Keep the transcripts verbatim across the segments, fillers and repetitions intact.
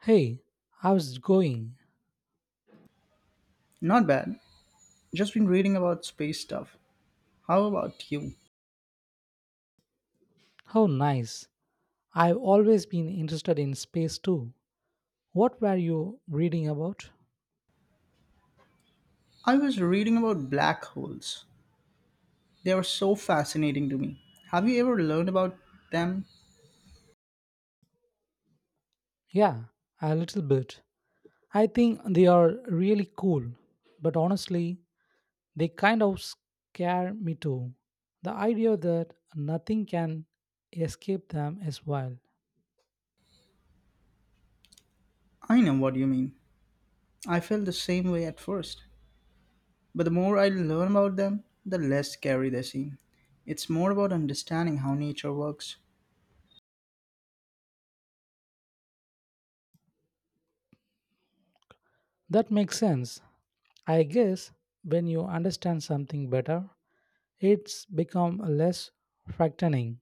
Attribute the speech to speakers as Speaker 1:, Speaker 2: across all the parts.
Speaker 1: Hey, how's it going?
Speaker 2: Not bad. Just been reading about space stuff. How about you?
Speaker 1: How nice. I've always been interested in space too. What were you reading about?
Speaker 2: I was reading about black holes. They are so fascinating to me. Have you ever learned about them?
Speaker 1: Yeah, a little bit. I think they are really cool, but honestly, they kind of scare me too. The idea that nothing can escape them is wild.
Speaker 2: I know what you mean. I felt the same way at first. But the more I learn about them, the less scary they seem. It's more about understanding how nature works.
Speaker 1: That makes sense. I guess when you understand something better, it's become less frightening.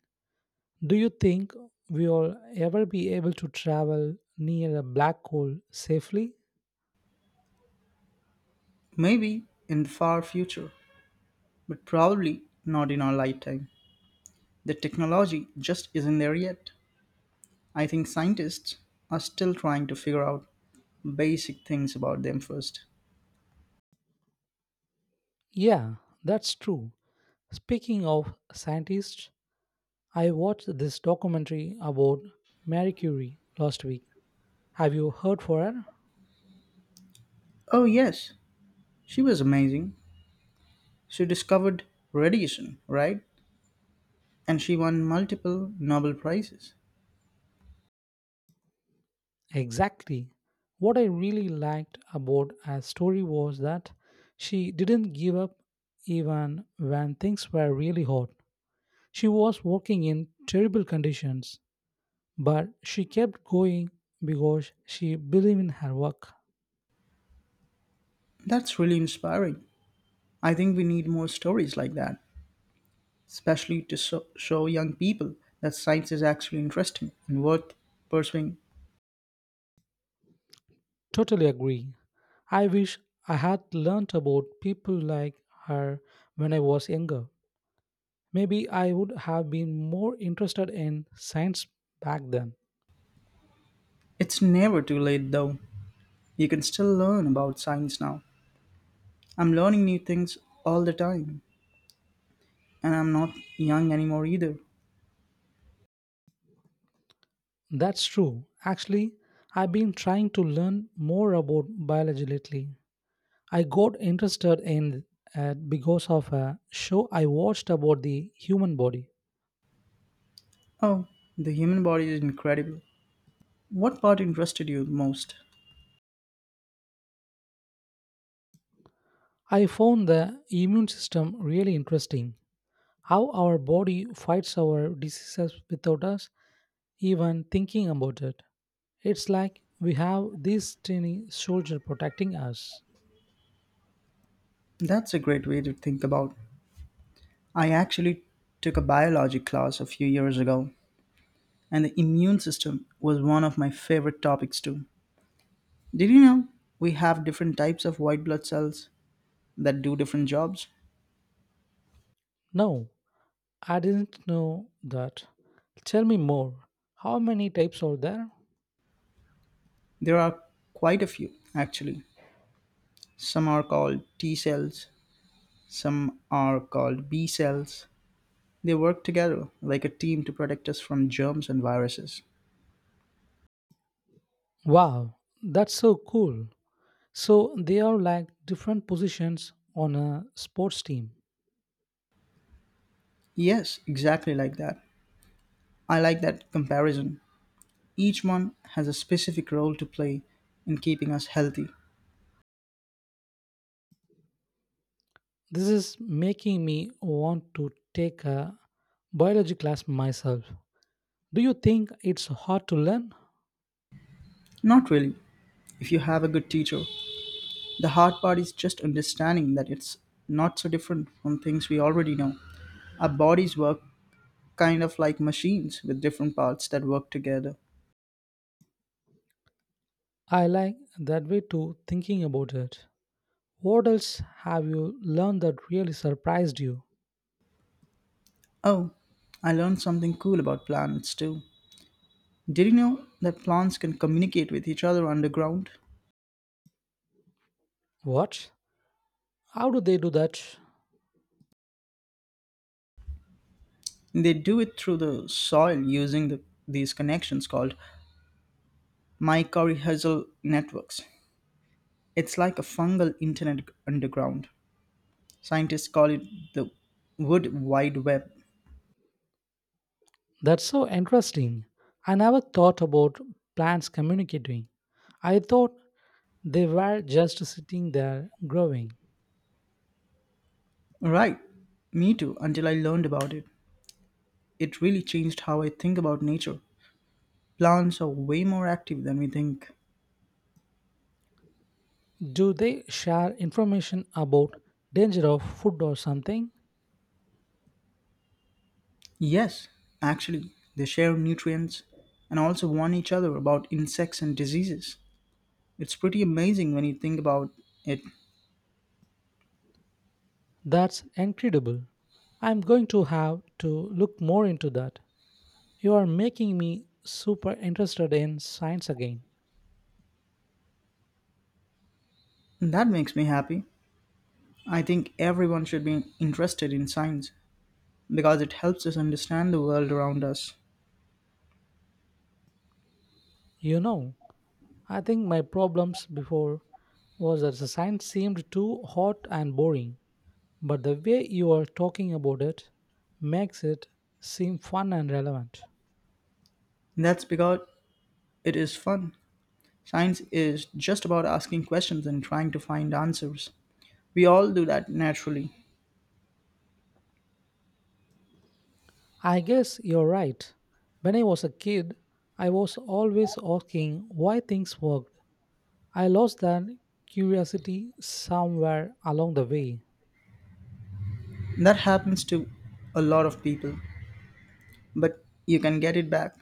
Speaker 1: Do you think we'll ever be able to travel near a black hole safely?
Speaker 2: Maybe in the far future, but probably not in our lifetime. The technology just isn't there yet. I think scientists are still trying to figure out basic things about them first.
Speaker 1: Yeah, that's true. Speaking of scientists, I watched this documentary about Marie Curie last week. Have you heard for her?
Speaker 2: Oh, yes, she was amazing. She discovered radiation, right? And she won multiple Nobel Prizes.
Speaker 1: Exactly. What I really liked about her story was that she didn't give up even when things were really hot. She was working in terrible conditions, but she kept going because she believed in her work.
Speaker 2: That's really inspiring. I think we need more stories like that, especially to so- show young people that science is actually interesting and worth pursuing.
Speaker 1: Totally agree. I wish I had learnt about people like her when I was younger. Maybe I would have been more interested in science back then.
Speaker 2: It's never too late, though. You can still learn about science now. I'm learning new things all the time, and I'm not young anymore either.
Speaker 1: That's true. Actually, I've been trying to learn more about biology lately. I got interested in it because of a show I watched about the human body.
Speaker 2: Oh, the human body is incredible. What part interested you most?
Speaker 1: I found the immune system really interesting. How our body fights our diseases without us even thinking about it. It's like we have this tiny soldier protecting us.
Speaker 2: That's a great way to think about. I actually took a biology class a few years ago, and the immune system was one of my favorite topics too. Did you know we have different types of white blood cells that do different jobs?
Speaker 1: No, I didn't know that. Tell me more. How many types are there?
Speaker 2: There are quite a few, actually. Some are called T cells, some are called B cells. They work together like a team to protect us from germs and viruses.
Speaker 1: Wow, that's so cool. So they are like different positions on a sports team.
Speaker 2: Yes, exactly like that. I like that comparison. Each one has a specific role to play in keeping us healthy.
Speaker 1: This is making me want to take a biology class myself. Do you think it's hard to learn?
Speaker 2: Not really, if you have a good teacher. The hard part is just understanding that it's not so different from things we already know. Our bodies work kind of like machines with different parts that work together.
Speaker 1: I like that way too, thinking about it. What else have you learned that really surprised you?
Speaker 2: Oh, I learned something cool about planets too. Did you know that plants can communicate with each other underground?
Speaker 1: What? How do they do that?
Speaker 2: They do it through the soil using the, these connections called mycorrhizal networks. It's like a fungal internet underground. Scientists call it the wood wide web.
Speaker 1: That's so interesting. I never thought about plants communicating. I thought they were just sitting there growing.
Speaker 2: Right, me too, until I learned about it. It really changed how I think about nature. Plants are way more active than we think.
Speaker 1: Do they share information about danger of food or something?
Speaker 2: Yes, actually, they share nutrients and also warn each other about insects and diseases. It's pretty amazing when you think about it.
Speaker 1: That's incredible. I'm going to have to look more into that. You are making me super interested in science again.
Speaker 2: That makes me happy. I think everyone should be interested in science because it helps us understand the world around us.
Speaker 1: You know, I think my problems before was that the science seemed too hot and boring, but the way you are talking about it makes it seem fun and relevant.
Speaker 2: That's because it is fun. Science is just about asking questions and trying to find answers. We all do that naturally.
Speaker 1: I guess you're right. When I was a kid, I was always asking why things worked. I lost that curiosity somewhere along the way.
Speaker 2: That happens to a lot of people, but you can get it back.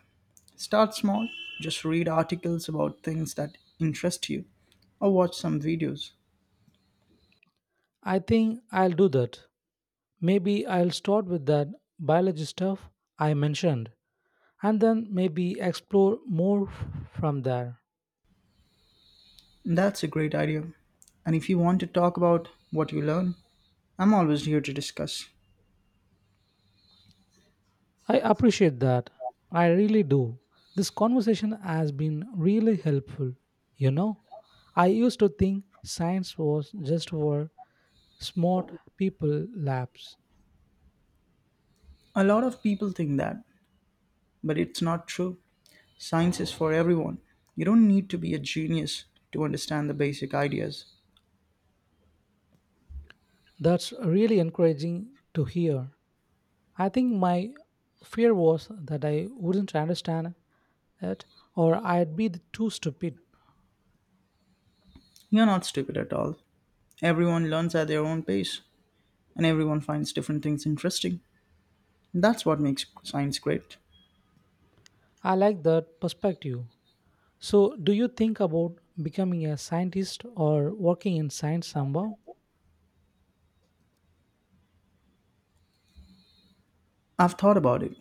Speaker 2: Start small, just read articles about things that interest you or watch some videos.
Speaker 1: I think I'll do that. Maybe I'll start with that biology stuff I mentioned and then maybe explore more f- from there.
Speaker 2: That's a great idea. And if you want to talk about what you learn, I'm always here to discuss.
Speaker 1: I appreciate that. I really do. This conversation has been really helpful. You know, I used to think science was just for smart people labs.
Speaker 2: A lot of people think that, but it's not true. Science is for everyone. You don't need to be a genius to understand the basic ideas.
Speaker 1: That's really encouraging to hear. I think my fear was that I wouldn't understand it or I'd be too stupid.
Speaker 2: You're not stupid at all. Everyone learns at their own pace, and everyone finds different things interesting. That's what makes science great.
Speaker 1: I like that perspective. So, do you think about becoming a scientist or working in science somehow?
Speaker 2: I've thought about it.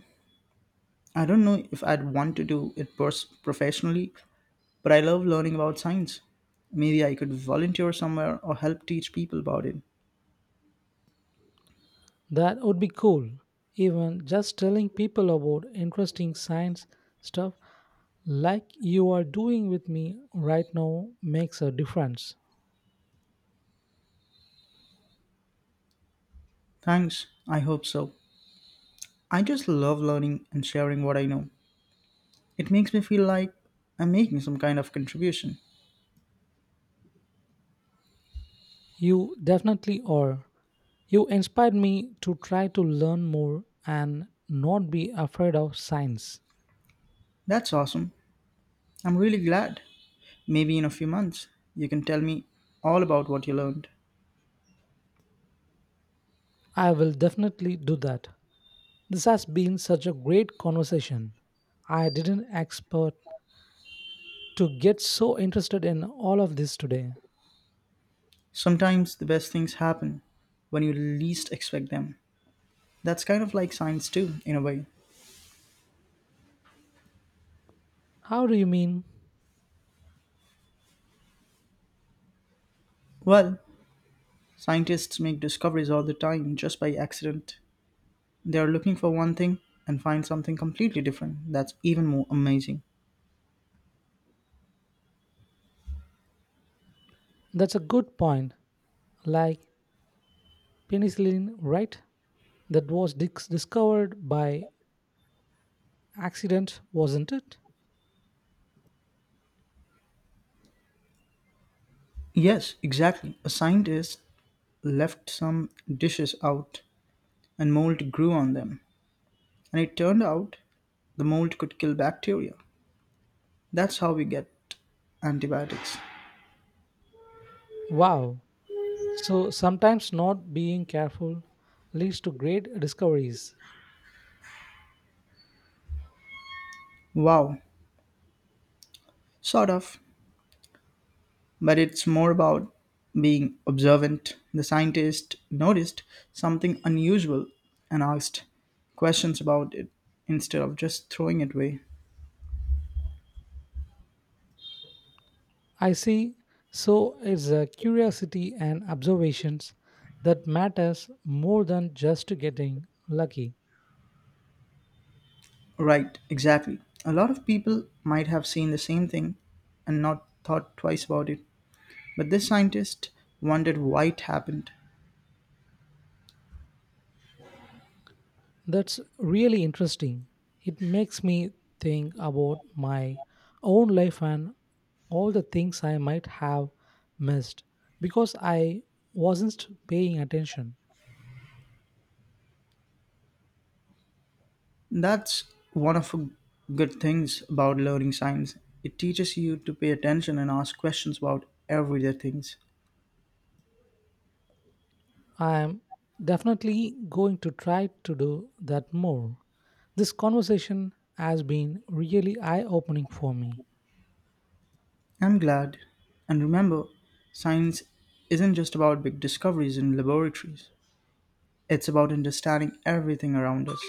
Speaker 2: I don't know if I'd want to do it pers- professionally, but I love learning about science. Maybe I could volunteer somewhere or help teach people about it.
Speaker 1: That would be cool. Even just telling people about interesting science stuff like you are doing with me right now makes a difference.
Speaker 2: Thanks, I hope so. I just love learning and sharing what I know. It makes me feel like I'm making some kind of contribution.
Speaker 1: You definitely are. You inspired me to try to learn more and not be afraid of science.
Speaker 2: That's awesome. I'm really glad. Maybe in a few months, you can tell me all about what you learned.
Speaker 1: I will definitely do that. This has been such a great conversation. I didn't expect to get so interested in all of this today.
Speaker 2: Sometimes the best things happen when you least expect them. That's kind of like science, too, in a way.
Speaker 1: How do you mean?
Speaker 2: Well, scientists make discoveries all the time just by accident. They are looking for one thing and find something completely different that's even more amazing.
Speaker 1: That's a good point. Like penicillin, right? That was dis- discovered by accident, wasn't it?
Speaker 2: Yes, exactly. A scientist left some dishes out and mold grew on them. And it turned out the mold could kill bacteria. That's how we get antibiotics.
Speaker 1: Wow. So sometimes not being careful leads to great discoveries.
Speaker 2: Wow, sort of. But it's more about being observant. The scientist noticed something unusual and asked questions about it instead of just throwing it away.
Speaker 1: I see. So it's a curiosity and observations that matters more than just getting lucky.
Speaker 2: Right, exactly. A lot of people might have seen the same thing and not thought twice about it. But this scientist wondered why it happened.
Speaker 1: That's really interesting. It makes me think about my own life and all the things I might have missed because I wasn't paying attention.
Speaker 2: That's one of the good things about learning science. It teaches you to pay attention and ask questions about everyday things.
Speaker 1: I am definitely going to try to do that more. This conversation has been really eye opening for me.
Speaker 2: I'm glad. And remember, science isn't just about big discoveries in laboratories, it's about understanding everything around us.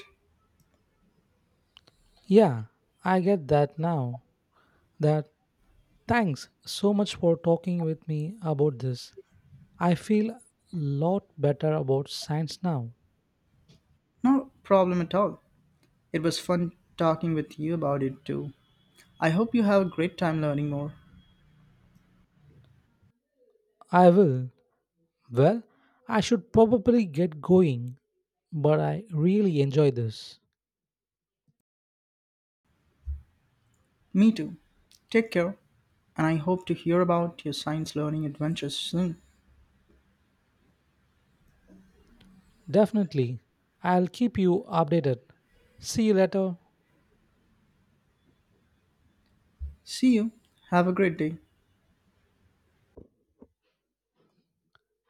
Speaker 1: Yeah, I get that now. That thanks so much for talking with me about this. I feel a lot better about science now.
Speaker 2: No problem at all. It was fun talking with you about it too. I hope you have a great time learning more.
Speaker 1: I will. Well, I should probably get going, but I really enjoy this.
Speaker 2: Me too. Take care, and I hope to hear about your science learning adventures soon.
Speaker 1: Definitely. I'll keep you updated. See you later.
Speaker 2: See you. Have a great day.